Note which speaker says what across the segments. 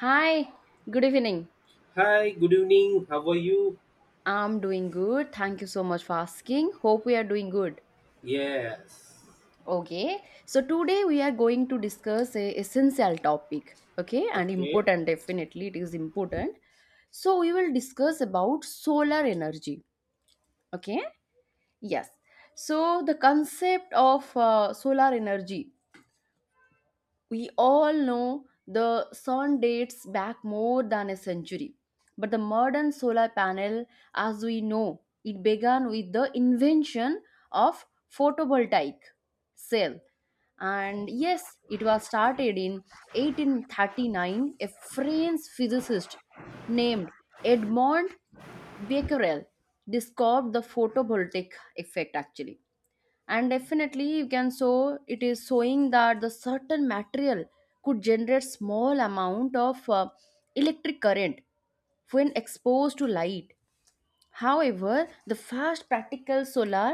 Speaker 1: Hi, good evening.
Speaker 2: Hi, good evening. How are you?
Speaker 1: I'm doing good. Thank you so much for asking. Hope we are doing good.
Speaker 2: Yes.
Speaker 1: Okay, so today we are going to discuss a essential topic. Okay, and
Speaker 2: Okay.
Speaker 1: important, definitely it is important. So we will discuss about solar energy. Okay, yes. So the concept of solar energy, we all know, the sun dates back more than a century. But the modern solar panel, as we know, it began with the invention of photovoltaic cell. And yes, it was started in 1839. A French physicist named Edmond Becquerel described the photovoltaic effect, actually, and definitely you can show, it is showing that the certain material could generate small amount of electric current when exposed to light. However, the fast practical solar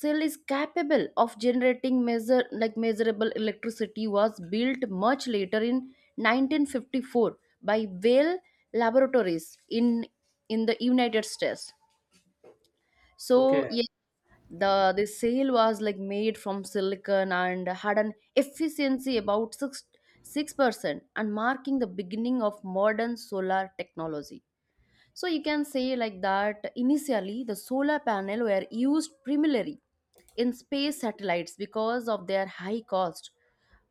Speaker 1: cell is capable of generating measure like measurable electricity was built much later in 1954 by Bell Laboratories in the United States. So
Speaker 2: Okay.
Speaker 1: yes, the sail was like made from silicon and had an efficiency about six percent, and marking the beginning of modern solar technology. So you can say like that initially the solar panel were used primarily in space satellites because of their high cost,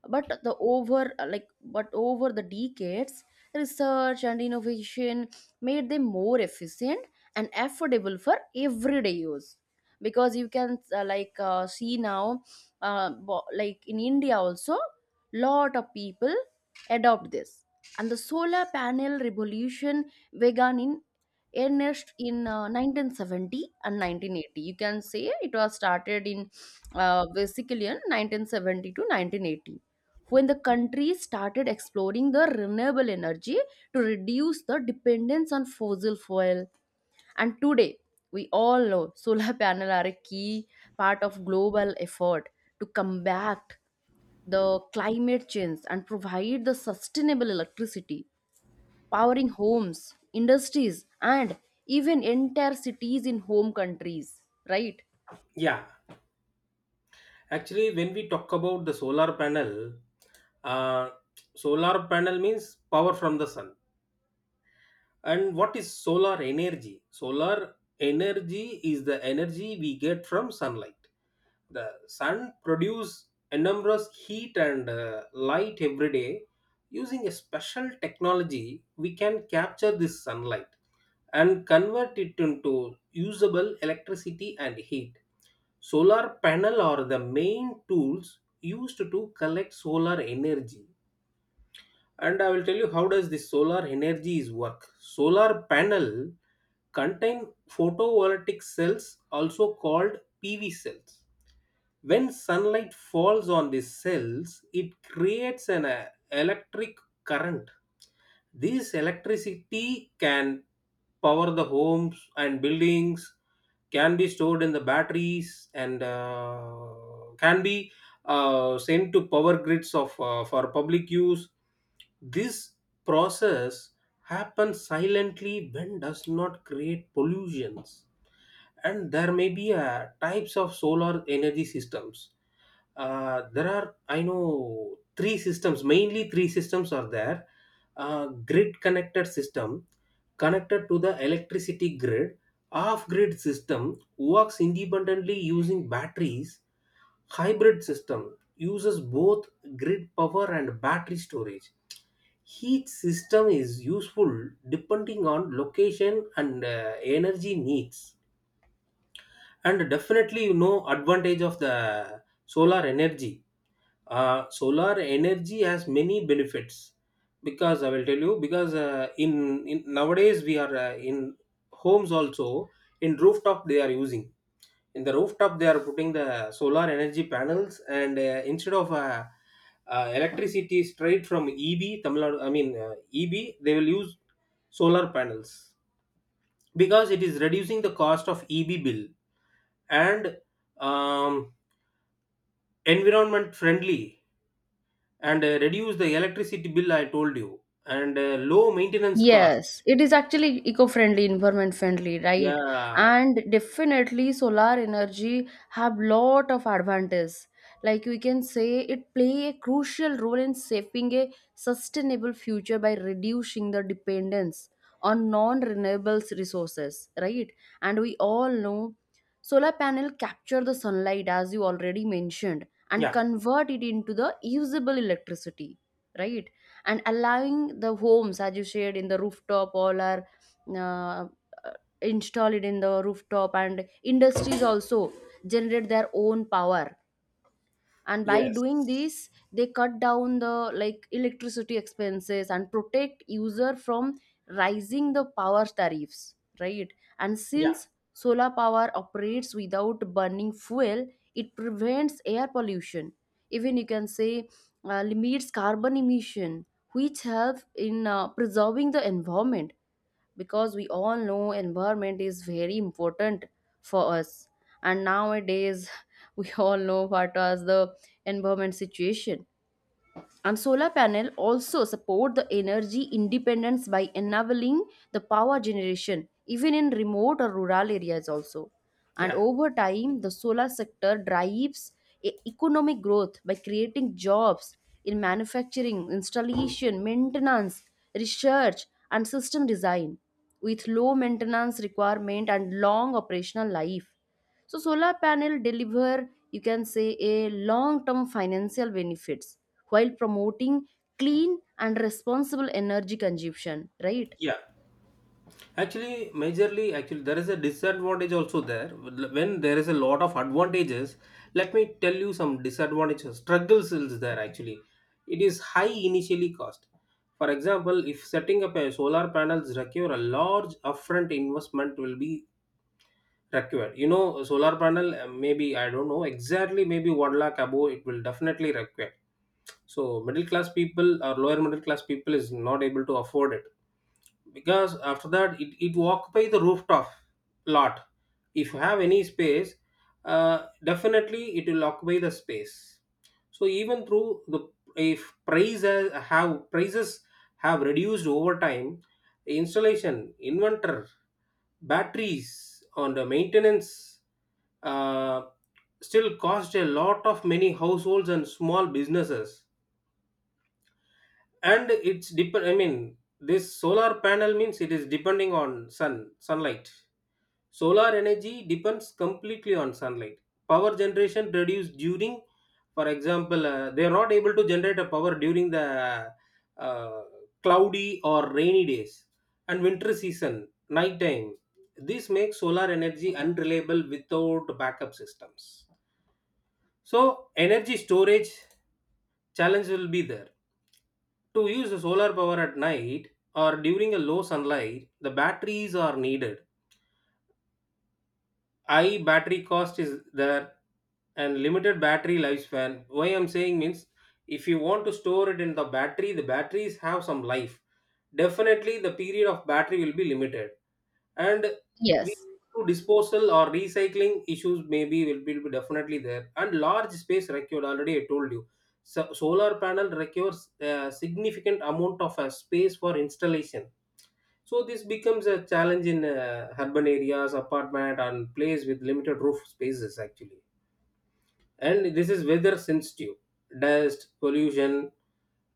Speaker 1: but the over like but over the decades research and innovation made them more efficient and affordable for everyday use, because you can like see now, like in India also, lot of people adopt this. And the solar panel revolution began in earnest in 1970 and 1980. You can say it was started in basically in 1970 to 1980, when the country started exploring the renewable energy to reduce the dependence on fossil fuel. And today, we all know solar panel are a key part of global effort to combat the climate change and provide the sustainable electricity, powering homes, industries, and even entire cities in home countries, right?
Speaker 2: Yeah. Actually, when we talk about the uh, solar panel means power from the sun. And what is solar energy? Solar energy is the energy we get from sunlight. The sun produces enormous heat and light every day. Using a special technology we can capture this sunlight and convert it into usable electricity and heat. Solar panel are the main tools used to collect solar energy. And I will tell you how does this solar energy is work. Solar panel contain photovoltaic cells, also called PV cells. When sunlight falls on the cells, it creates an electric current. This electricity can power the homes and buildings, can be stored in the batteries, and can be sent to power grids of for public use. This process happens silently when does not create pollutions. And there may be types of solar energy systems. There are I know three systems, mainly three systems are there. Grid connected system connected to the electricity grid. Off grid system works independently using batteries. Hybrid system uses both grid power and battery storage. Heat system is useful depending on location and energy needs. And definitely no advantage of the solar energy. Solar energy has many benefits, because I will tell you because in nowadays we are in homes also, in rooftop they are using. In the rooftop they are putting the solar energy panels, and instead of electricity straight from EB Tamil Nadu, I mean EB, they will use solar panels because it is reducing the cost of EB bill. And um, environment friendly, and reduce the electricity bill I told you, and low maintenance cost.
Speaker 1: Yes, it is actually eco-friendly, environment-friendly, right?
Speaker 2: Yeah.
Speaker 1: And definitely solar energy have lot of advantage. Like we can say it play a crucial role in shaping a sustainable future by reducing the dependence on non-renewable resources, right? And we all know solar panel capture the sunlight, as you already mentioned, and
Speaker 2: yeah
Speaker 1: convert it into the usable electricity, right? And allowing the homes, as you said, in the rooftop all are uh, installed in the rooftop, and industries also generate their own power, and by
Speaker 2: yes
Speaker 1: doing this they cut down the like electricity expenses and protect user from rising the power tariffs, right? And
Speaker 2: yeah
Speaker 1: since solar power operates without burning fuel, it prevents air pollution. Even you can say limits carbon emission, which help in preserving the environment, because we all know environment is very important for us. And nowadays we all know what was the environment situation. And solar panel also support the energy independence by enabling the power generation even in remote or rural areas also. And
Speaker 2: yeah
Speaker 1: over time, the solar sector drives economic growth by creating jobs in manufacturing, installation, maintenance, research, and system design with low maintenance requirement and long operational life, so solar panel deliver, you can say, a long term financial benefits while promoting clean and responsible energy consumption, right?
Speaker 2: yeah, actually majorly actually there is a disadvantage also there when there is a lot of advantages. Let me tell you some disadvantages, struggles is there actually. It is high initially cost. For example, if setting up a solar panels require a large upfront investment will be require. You know, solar panel, maybe, I don't know exactly, maybe 1 lakh above, it will definitely require. So, middle class people or lower middle class people is not able to afford it, because after that it will occupy the rooftop lot. If you have any space, definitely it will occupy the space. So even through the, if prices have, prices have reduced over time, installation, inverter, batteries on the maintenance, uh, still cost a lot of many households and small businesses. And it's depend, I mean this solar panel means it is depending on sun, sunlight. Solar energy depends completely on sunlight. Power generation reduced during, for example they are not able to generate a power during the uh, cloudy or rainy days and winter season night time. This makes solar energy unreliable without backup systems. So energy storage challenge will be there. To use the solar power at night or during a low sunlight, the batteries are needed. High battery cost is there, and limited battery lifespan. Why I'm saying means, if you want to store it in the battery, the batteries have some life. Definitely the period of battery will be limited. And we
Speaker 1: Yes.
Speaker 2: to disposal or recycling issues maybe will be definitely there. And large space required, already I told you. So solar panel requires a significant amount of space for installation. So this becomes a challenge in urban areas, apartment, and place with limited roof spaces actually. And this is weather sensitive. Dust, pollution,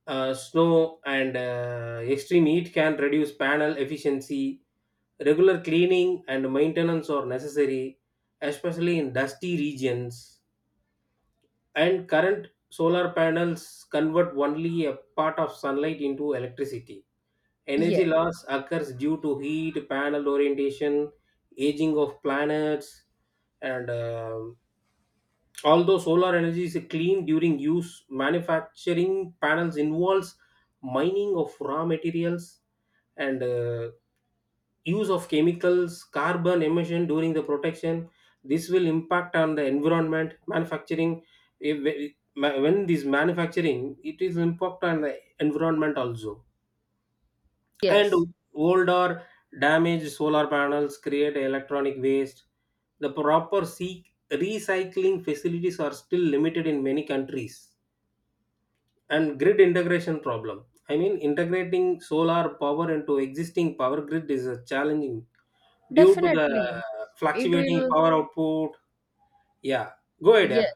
Speaker 2: snow, and extreme heat can reduce panel efficiency. Regular cleaning and maintenance are necessary, especially in dusty regions. And current solar panels convert only a part of sunlight into electricity. Energy
Speaker 1: Yes.
Speaker 2: loss occurs due to heat, panel orientation, aging of planets, and although solar energy is clean during use, manufacturing panels involves mining of raw materials and use of chemicals, carbon emission during the protection. This will impact on the environment, manufacturing. When this manufacturing, it is impact on the environment also. And
Speaker 1: Yes.
Speaker 2: old or damaged solar panels create electronic waste. The proper seek recycling facilities are still limited in many countries. And grid integration problem, I mean integrating solar power into existing power grid is a challenging due to the
Speaker 1: Definitely. It
Speaker 2: fluctuating
Speaker 1: will
Speaker 2: power output. Yeah, go ahead,
Speaker 1: Yes,
Speaker 2: yeah.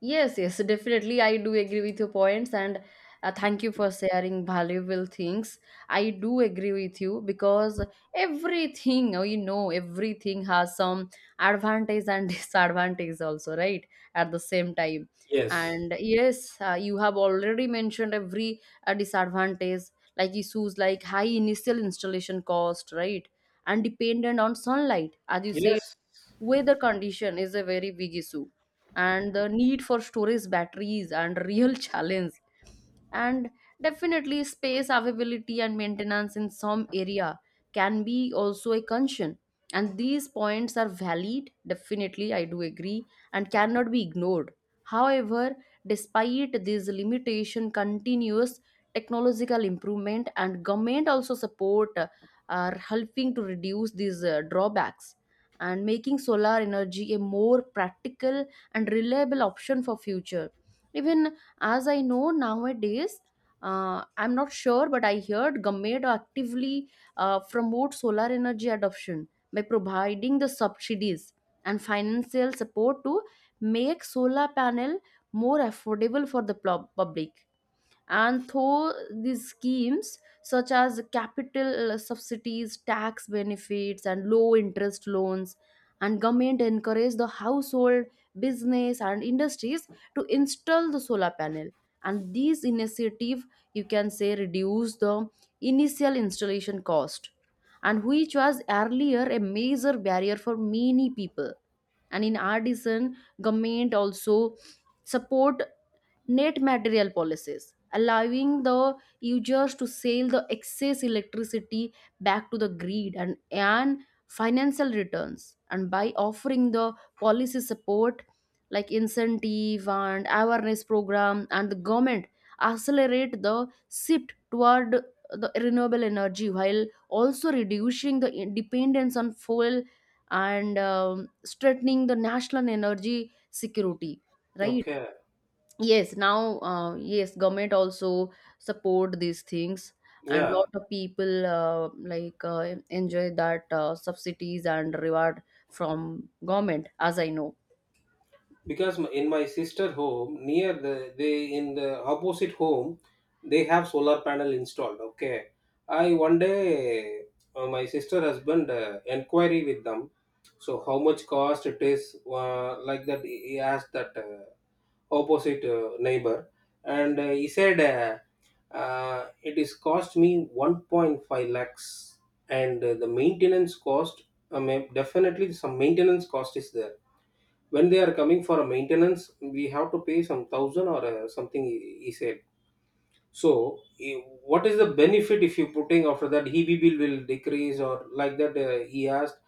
Speaker 1: yes, yes, definitely. I do agree with your points, and thank you for sharing valuable things. I do agree with you because everything, oh, you know, everything has some advantage and disadvantage also, right? At the same time.
Speaker 2: Yes,
Speaker 1: And yes, you have already mentioned every disadvantage, like issues like high initial installation cost, right? And dependent on sunlight, as you said,
Speaker 2: yes.
Speaker 1: weather condition is a very big issue, and the need for storage batteries and real challenge, and definitely space availability and maintenance in some area can be also a concern. And these points are valid, definitely I do agree, and cannot be ignored. However, despite this limitation, continuous technological improvement and government also support are helping to reduce these drawbacks and making solar energy a more practical and reliable option for future. Even, as I know, nowadays I'm not sure, but I heard government actively promote solar energy adoption by providing the subsidies and financial support to make solar panel more affordable for the public. And through these schemes such as capital subsidies, tax benefits, and low interest loans, and government encourage the household, business, and industries to install the solar panel. And these initiative, you can say, reduce the initial installation cost, and which was earlier a major barrier for many people. And in addition, government also support net material policies, allowing the users to sell the excess electricity back to the grid and earn financial returns. And by offering the policy support like incentive and awareness program, and the government accelerate the shift toward the renewable energy while also reducing the dependence on fuel, and strengthening the national energy security, right?
Speaker 2: Okay.
Speaker 1: Yes, now, yes, government also support these things, and
Speaker 2: Yeah,
Speaker 1: lot of people like enjoy that subsidies and reward from government, as I know.
Speaker 2: because in my sister home near the, they in the opposite home they have solar panel installed. Okay, I one day, my sister husband inquiry with them, so how much cost it is, like that, he asked that opposite neighbor. And he said, it is cost me 1.5 lakhs. And the maintenance cost, I mean definitely some maintenance cost is there. When they are coming for a maintenance we have to pay some thousand or something, he said. So eh, what is the benefit if you putting, after that EB bill will decrease or like that he asked.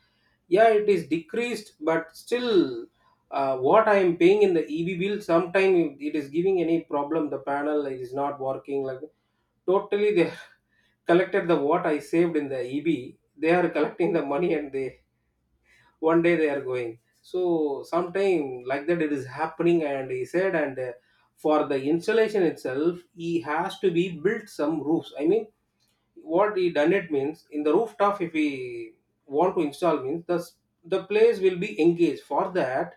Speaker 2: Yeah it is decreased but still, what I am paying in the EB bill sometime, it is giving any problem, the panel it is not working, like totally they collected the what I saved in the EB. They are collecting the money and they one day they are going. So sometime like that it is happening, and he said, and for the installation itself he has to be built some roofs. I mean what he done it means, in the rooftop if we want to install means the place will be engaged for that.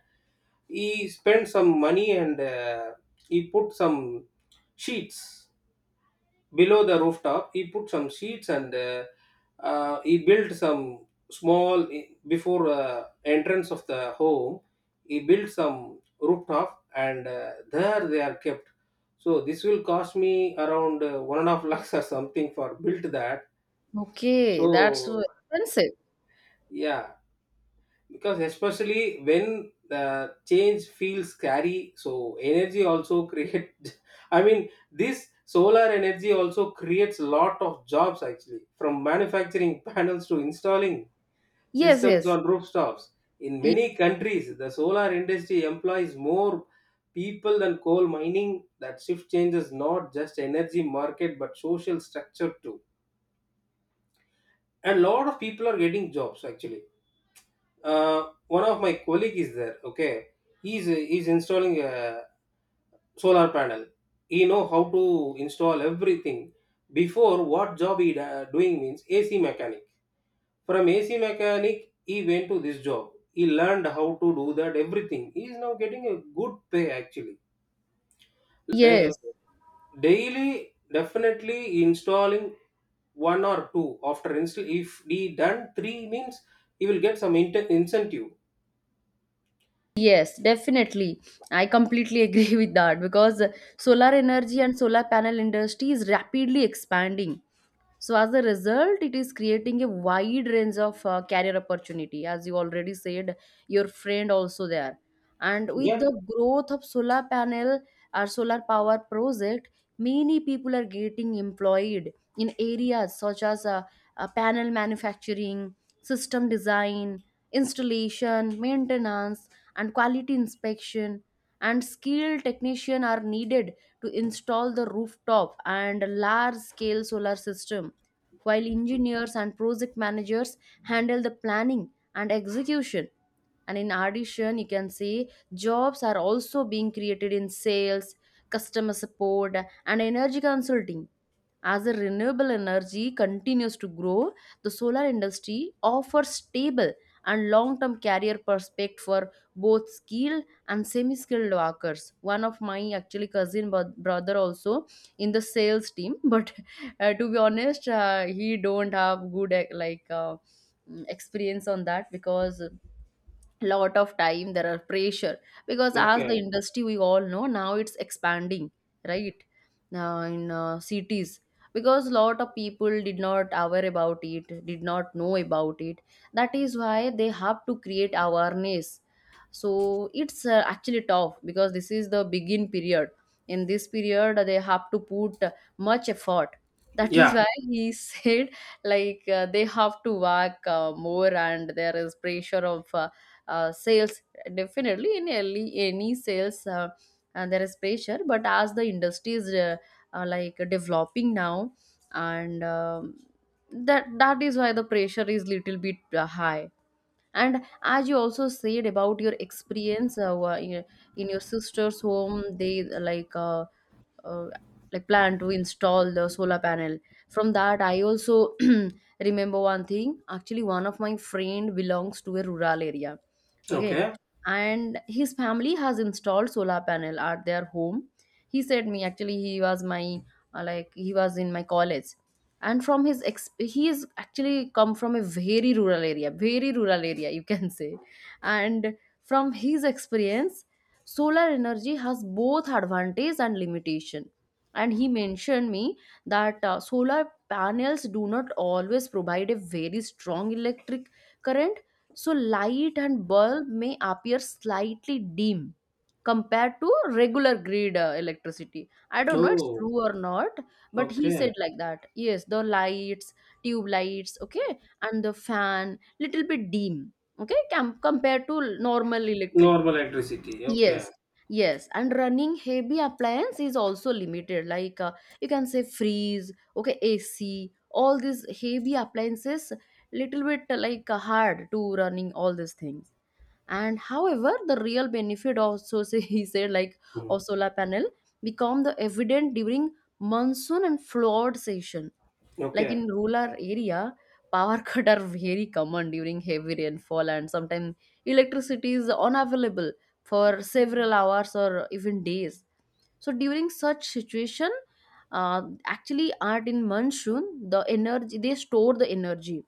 Speaker 2: He spent some money and he put some sheets below the rooftop, he put some sheets. And he built some small eh, before entrance of the home he built some rooftop, and there they are kept. So this will cost me around one and a half lakhs or something for built that.
Speaker 1: Okay, that's so
Speaker 2: So
Speaker 1: expensive.
Speaker 2: yeah, because especially when the change feels scary, so energy also create I mean this solar energy also creates lot of jobs actually, from manufacturing panels to installing
Speaker 1: Yes,
Speaker 2: systems
Speaker 1: yes,
Speaker 2: on rooftops. In
Speaker 1: y-
Speaker 2: many countries the solar industry employs more people than coal mining. That shift changes not just energy market but social structure too. And a lot of people are getting jobs actually. One of my colleague is there, okay. He's installing a solar panel, he know how to install everything. Before what job he doing means AC mechanic. From AC mechanic he went to this job, he learned how to do that everything. He is now getting a good pay actually. Uh,
Speaker 1: yes,
Speaker 2: Daily definitely installing one or two, after install if he done three means he will get some incentive.
Speaker 1: yes, definitely. I completely agree with that because solar energy and solar panel industry is rapidly expanding, so as a result it is creating a wide range of career opportunity, as you already said, your friend also there. And with
Speaker 2: Yeah,
Speaker 1: the growth of solar panel or solar power project, many people are getting employed in areas such as panel manufacturing, system design, installation, maintenance, and quality inspection. And skilled technician are needed to install the rooftop and large scale solar system, while engineers and project managers handle the planning and execution. And in addition, you can say jobs are also being created in sales, customer support, and energy consulting. As the renewable energy continues to grow, the solar industry offers stable and long-term career prospect for both skilled and semi-skilled workers. One of my actually cousin brother also in the sales team, but to be honest, he don't have good eh, like experience on that because lot of time there are pressure, because as the
Speaker 2: okay.
Speaker 1: industry we all know now it's expanding, right? Now in cities, because lot of people did not aware about it, did not know about it, that is why they have to create awareness. So it's actually tough because this is the begin period. In this period they have to put much effort, that is
Speaker 2: Yeah.
Speaker 1: why he said, like they have to work more, and there is pressure of sales. Definitely in early, any sales there is pressure, but as the industry is like developing now, and that is why the pressure is little bit high. And as you also said about your experience, in your sister's home they uh, like plan to install the solar panel. From that I also remember one thing. Actually, one of my friend belongs to a rural area, okay,
Speaker 2: Okay.
Speaker 1: and his family has installed solar panel at their home. He said me, actually he was my like, he was in my college. And from his he is actually come from a very rural area, very rural area you can say. And from his experience, solar energy has both advantage and limitation. And he mentioned me that solar panels do not always provide a very strong electric current, so light and bulb may appear slightly dim compared to regular grid electricity. I don't know it's true
Speaker 2: Oh,
Speaker 1: or not, but he
Speaker 2: okay.
Speaker 1: said like that, yes the lights, tube lights, okay, and the fan little bit dim, okay, compared to normal electric.
Speaker 2: Normal electricity. Okay.
Speaker 1: Yes, yes. And running heavy appliance is also limited, like you can say freeze, okay, AC, all these heavy appliances, little bit like hard to running all these things. And however, the real benefit also say he said like,
Speaker 2: Mhm.
Speaker 1: of solar panel, become the evident during monsoon and flood season, like
Speaker 2: Okay.
Speaker 1: in rural area power cut are very common during heavy rainfall, and sometimes electricity is unavailable for several hours or even days. So during such situation, actually art in monsoon the energy, they store the energy,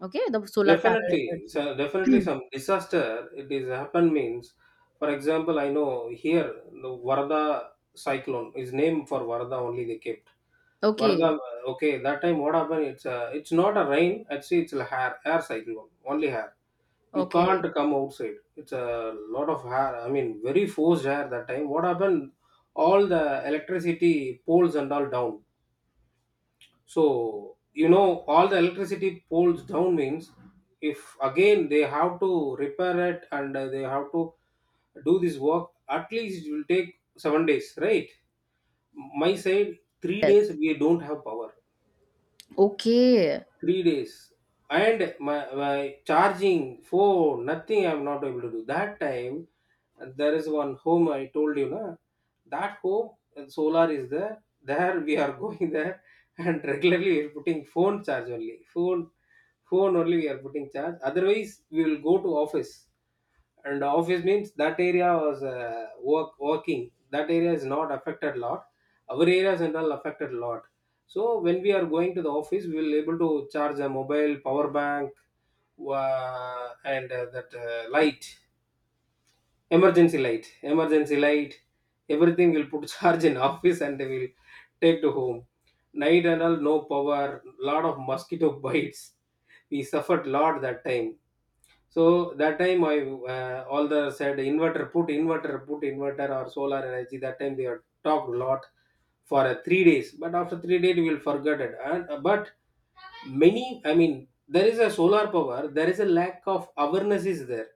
Speaker 1: okay, the solar panel
Speaker 2: Definitely. So definitely
Speaker 1: energy.
Speaker 2: some disaster it is happened means, for example, I know here the Varda cyclone is named for Varda only they kept.
Speaker 1: Okay.
Speaker 2: Varda, okay, that time what happened? It's not a rain, actually it's a hair air cyclone, only hair. You can't
Speaker 1: Okay.
Speaker 2: come outside, it's a lot of hair, I mean very forced hair. That time what happened, all the electricity poles and all down. So you know, all the electricity poles down means, if again they have to repair it and they have to do this work, at least it will take 7 days, right? My side 3 days
Speaker 1: Yes.
Speaker 2: we don't have power.
Speaker 1: Okay.
Speaker 2: 3 days. And my charging phone, nothing I'm not able to do. That time, there is one home I told you, na, that home and solar is there. There we are going there, and regularly we are putting phone charge only. Phone only we are putting charge. Otherwise, we will go to office. And office means that area was work working, that area is not affected a lot, our areas and all affected a lot. So when we are going to the office we will able to charge a mobile, power bank, and that light, emergency light, everything will put charge in office and they will take to home. Night and all no power, lot of mosquito bites, we suffered lot that time. So that time I all the said inverter, put inverter, put inverter or solar energy. That time they had talked a lot for 3 days. But after 3 days we will forget it. And but many, I mean there is a solar power, there is a lack of awareness is there.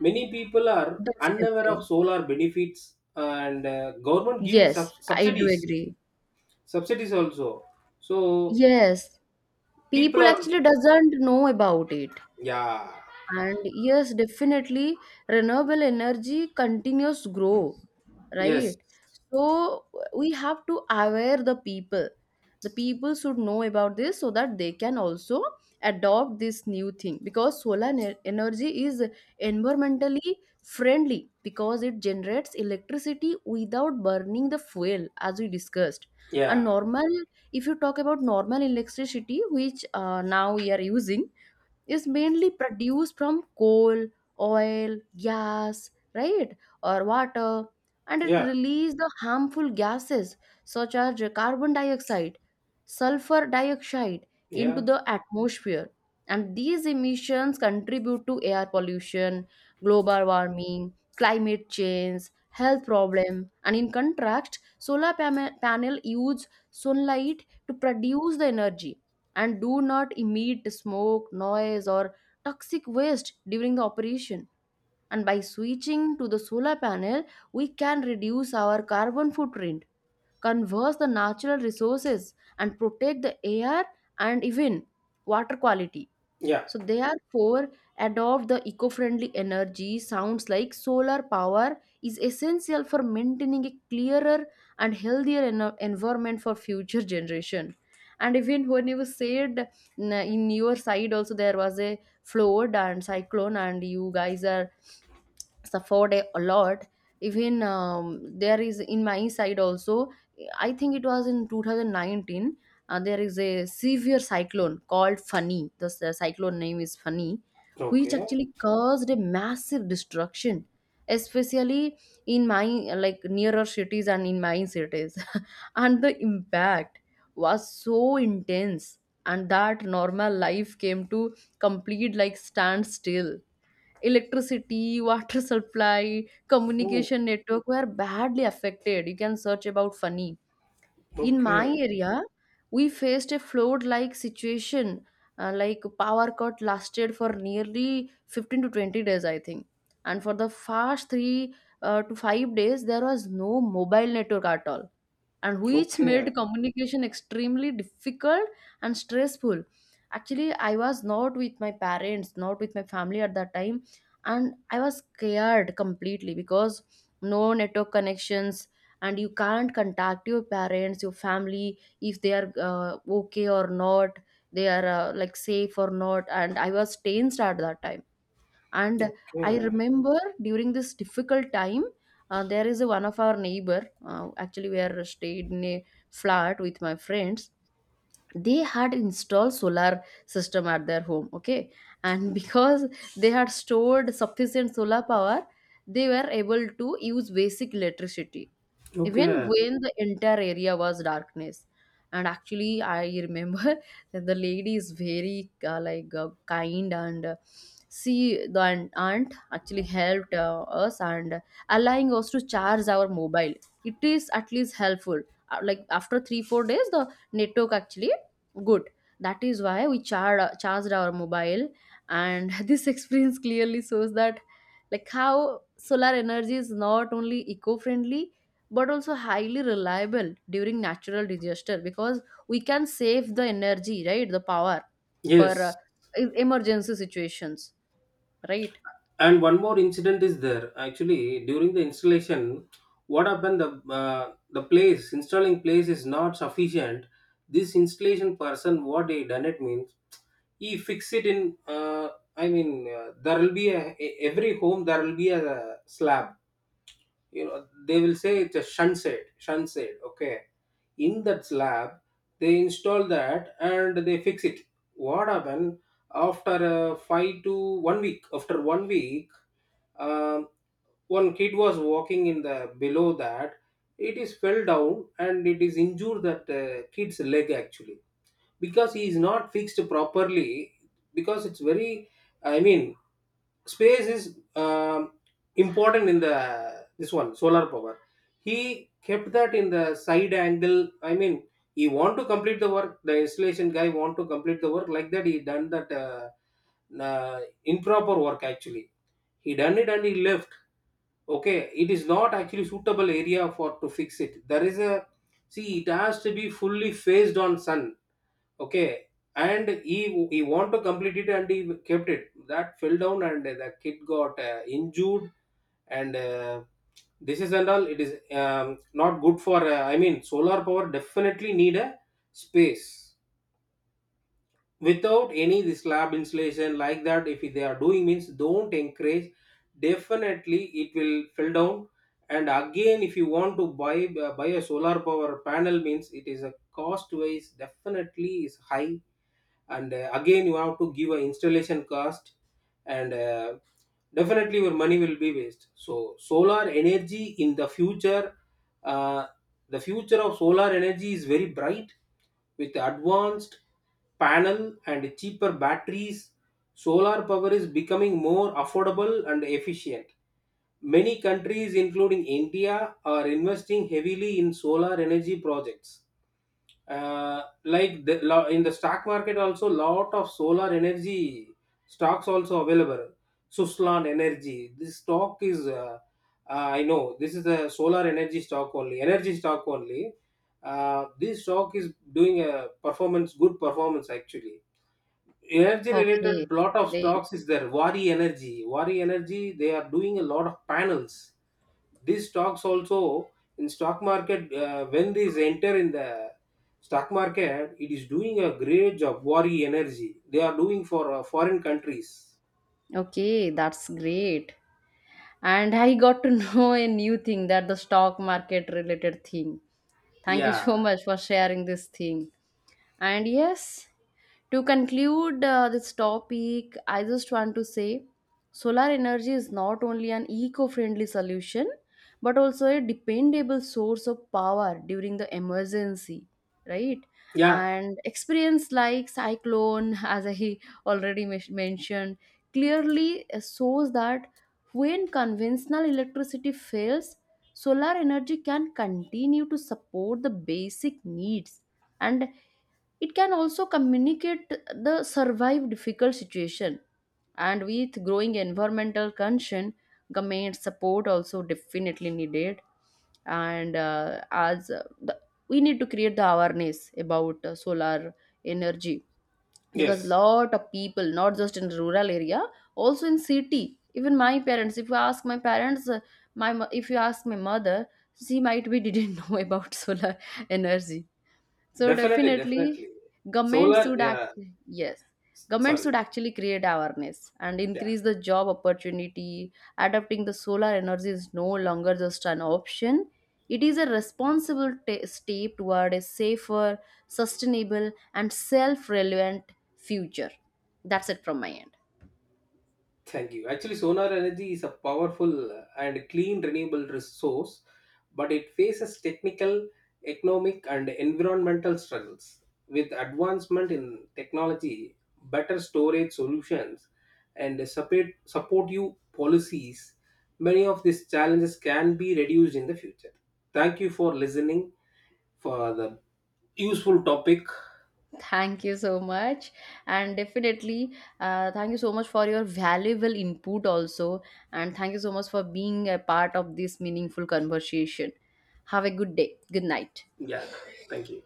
Speaker 2: Many people are unaware of
Speaker 1: Definitely.
Speaker 2: solar benefits and government giving
Speaker 1: Yes, I do
Speaker 2: subsidies,
Speaker 1: agree.
Speaker 2: subsidies also. So
Speaker 1: Yes.
Speaker 2: people
Speaker 1: People
Speaker 2: are,
Speaker 1: actually doesn't know about it.
Speaker 2: yeah.
Speaker 1: And yes, definitely, renewable energy continues grow,
Speaker 2: Yes.
Speaker 1: right? So we have to aware the people. The people should know about this so that they can also adopt this new thing, because solar energy is environmentally friendly because it generates electricity without burning the fuel, as we discussed. And
Speaker 2: yeah
Speaker 1: normal, if you talk about normal electricity, which now we are using, is mainly produced from coal, oil, gas, right, or water, and it
Speaker 2: yeah
Speaker 1: releases the harmful gases such as carbon dioxide, sulfur dioxide into
Speaker 2: yeah
Speaker 1: the atmosphere. And these emissions contribute to air pollution, global warming, climate change, health problem. And in contrast, panel use sunlight to produce the energy and do not emit smoke, noise, or toxic waste during the operation. And by switching to the solar panel, we can reduce our carbon footprint, conserve the natural resources, and protect the air and even water quality.
Speaker 2: yeah.
Speaker 1: So therefore, adopt the eco-friendly energy sounds like solar power is essential for maintaining a clearer and healthier environment for future generation. And even when you said in your side also there was a flood and cyclone and you guys are suffered a lot even there is in my side also. I think it was in 2019. There is a severe cyclone called Fani. The cyclone name is Fani, which
Speaker 2: Okay.
Speaker 1: actually caused a massive destruction, especially in my like nearer cities and in my cities, and the impact was so intense and that normal life came to complete like standstill. Electricity, water supply,
Speaker 2: Oh,
Speaker 1: communication network were badly affected. You can search about funny. In my
Speaker 2: okay.
Speaker 1: area, we faced a flood like situation. Like power cut lasted for nearly 15 to 20 days, I think. And for the first three to 5 days, there was no mobile network at all and which
Speaker 2: Okay.
Speaker 1: made communication extremely difficult and stressful. Actually, I was not with my parents, not with my family at that time, and I was scared completely because no network connections, and you can't contact your parents, your family, if they are okay or not, they are like safe or not, and I was tensed at that time. And I
Speaker 2: Okay.
Speaker 1: remember during this difficult time, there is a, one of our neighbor, actually we are stayed in a flat with my friends. They had installed solar system at their home, okay, and because they had stored sufficient solar power, they were able to use basic electricity even
Speaker 2: Okay.
Speaker 1: when the entire area was darkness. And actually I remember that the lady is very like kind and she, the aunt actually helped us and allowing us to charge our mobile. It is at least helpful. Like after 3 4 days the network actually good, that is why we charged our mobile, and this experience clearly shows that like how solar energy is not only eco-friendly but also highly reliable during natural disaster, because we can save the energy, right, the power for
Speaker 2: Yes.
Speaker 1: emergency situations, right?
Speaker 2: And one more incident is there. Actually, during the installation, what happened? The place installing place is not sufficient. This installation person, what he done it means, he fix it in. I mean, there will be a, every home there will be a slab. You know they will say it's a shunt shade, okay. In that slab they install that and they fix it. What happened, after 5 to 1 week, after 1 week, um, one kid was walking in the below that, it is fell down and it is injured that kid's leg actually, because he is not fixed properly. Because it's very, I mean space is um, important in the this one solar power. He kept that in the side angle, I mean he want to complete the work, the installation guy want to complete the work, like that he done that uh, improper work actually. He done it and he left, okay. It is not actually suitable area for to fix it. There is a, see it has to be fully faced on sun. Okay. And he want to complete it and he kept it. That fell down and the kid got injured. And this is and all. It is not good for. I mean, solar power definitely need a space without any this slab insulation like that. If they are doing means, don't encourage. Definitely it will fell down. And again, if you want to buy buy a solar power panel means it is a cost wise definitely is high. And again you have to give an installation cost. And definitely your money will be waste. So solar energy in the future, uh, the future of solar energy is very bright. With advanced panel and cheaper batteries, solar power is becoming more affordable and efficient. Many countries including India are investing heavily in solar energy projects. Like in the stock market also lot of solar energy stocks also available. Suslan energy, this stock is I know this is a solar energy stock only energy stock only. This stock is doing a performance, good performance actually. Energy related
Speaker 1: Okay,
Speaker 2: lot of
Speaker 1: great.
Speaker 2: stocks is there. Wari energy, they are doing a lot of panels. These stocks also, in stock market when these enter in the stock market, it is doing a great job. Worry energy, they are doing for foreign countries.
Speaker 1: Okay, that's great. And I got to know a new thing, that the stock market related thing. Thank you
Speaker 2: Yeah.
Speaker 1: so much for sharing this thing. And yes, to conclude this topic, I just want to say solar energy is not only an eco friendly solution but also a dependable source of power during the emergency, right?
Speaker 2: Yeah,
Speaker 1: And experience like cyclone, as I already mentioned, clearly shows that when conventional electricity fails, solar energy can continue to support the basic needs, and it can also communicate the survive difficult situation. And with growing environmental concern, government support also definitely needed. And we need to create the awareness about solar energy, because
Speaker 2: yes,
Speaker 1: lot of people not just in rural area, also in city, even my parents, if you ask my parents, if you ask my mother, she might be didn't know about solar energy. So
Speaker 2: definitely. Definitely
Speaker 1: definitely, government
Speaker 2: solar,
Speaker 1: should act.
Speaker 2: yeah.
Speaker 1: Yes, government
Speaker 2: Sorry.
Speaker 1: should actually create awareness and increase the job opportunity. Adopting the solar energy is no longer just an option; it is a responsible ta step toward a safer, sustainable, and self-reliant future. That's it from my end.
Speaker 2: Thank you. Actually, solar energy is a powerful and clean renewable resource, but it faces technical, economic, and environmental struggles. With advancement in technology, better storage solutions, and support, supportive policies, many of these challenges can be reduced in the future. Thank you for listening for the useful topic.
Speaker 1: Thank you so much. And definitely, thank you so much for your valuable input also. And thank you so much for being a part of this meaningful conversation. Have a good day. Good night.
Speaker 2: Yeah, thank you.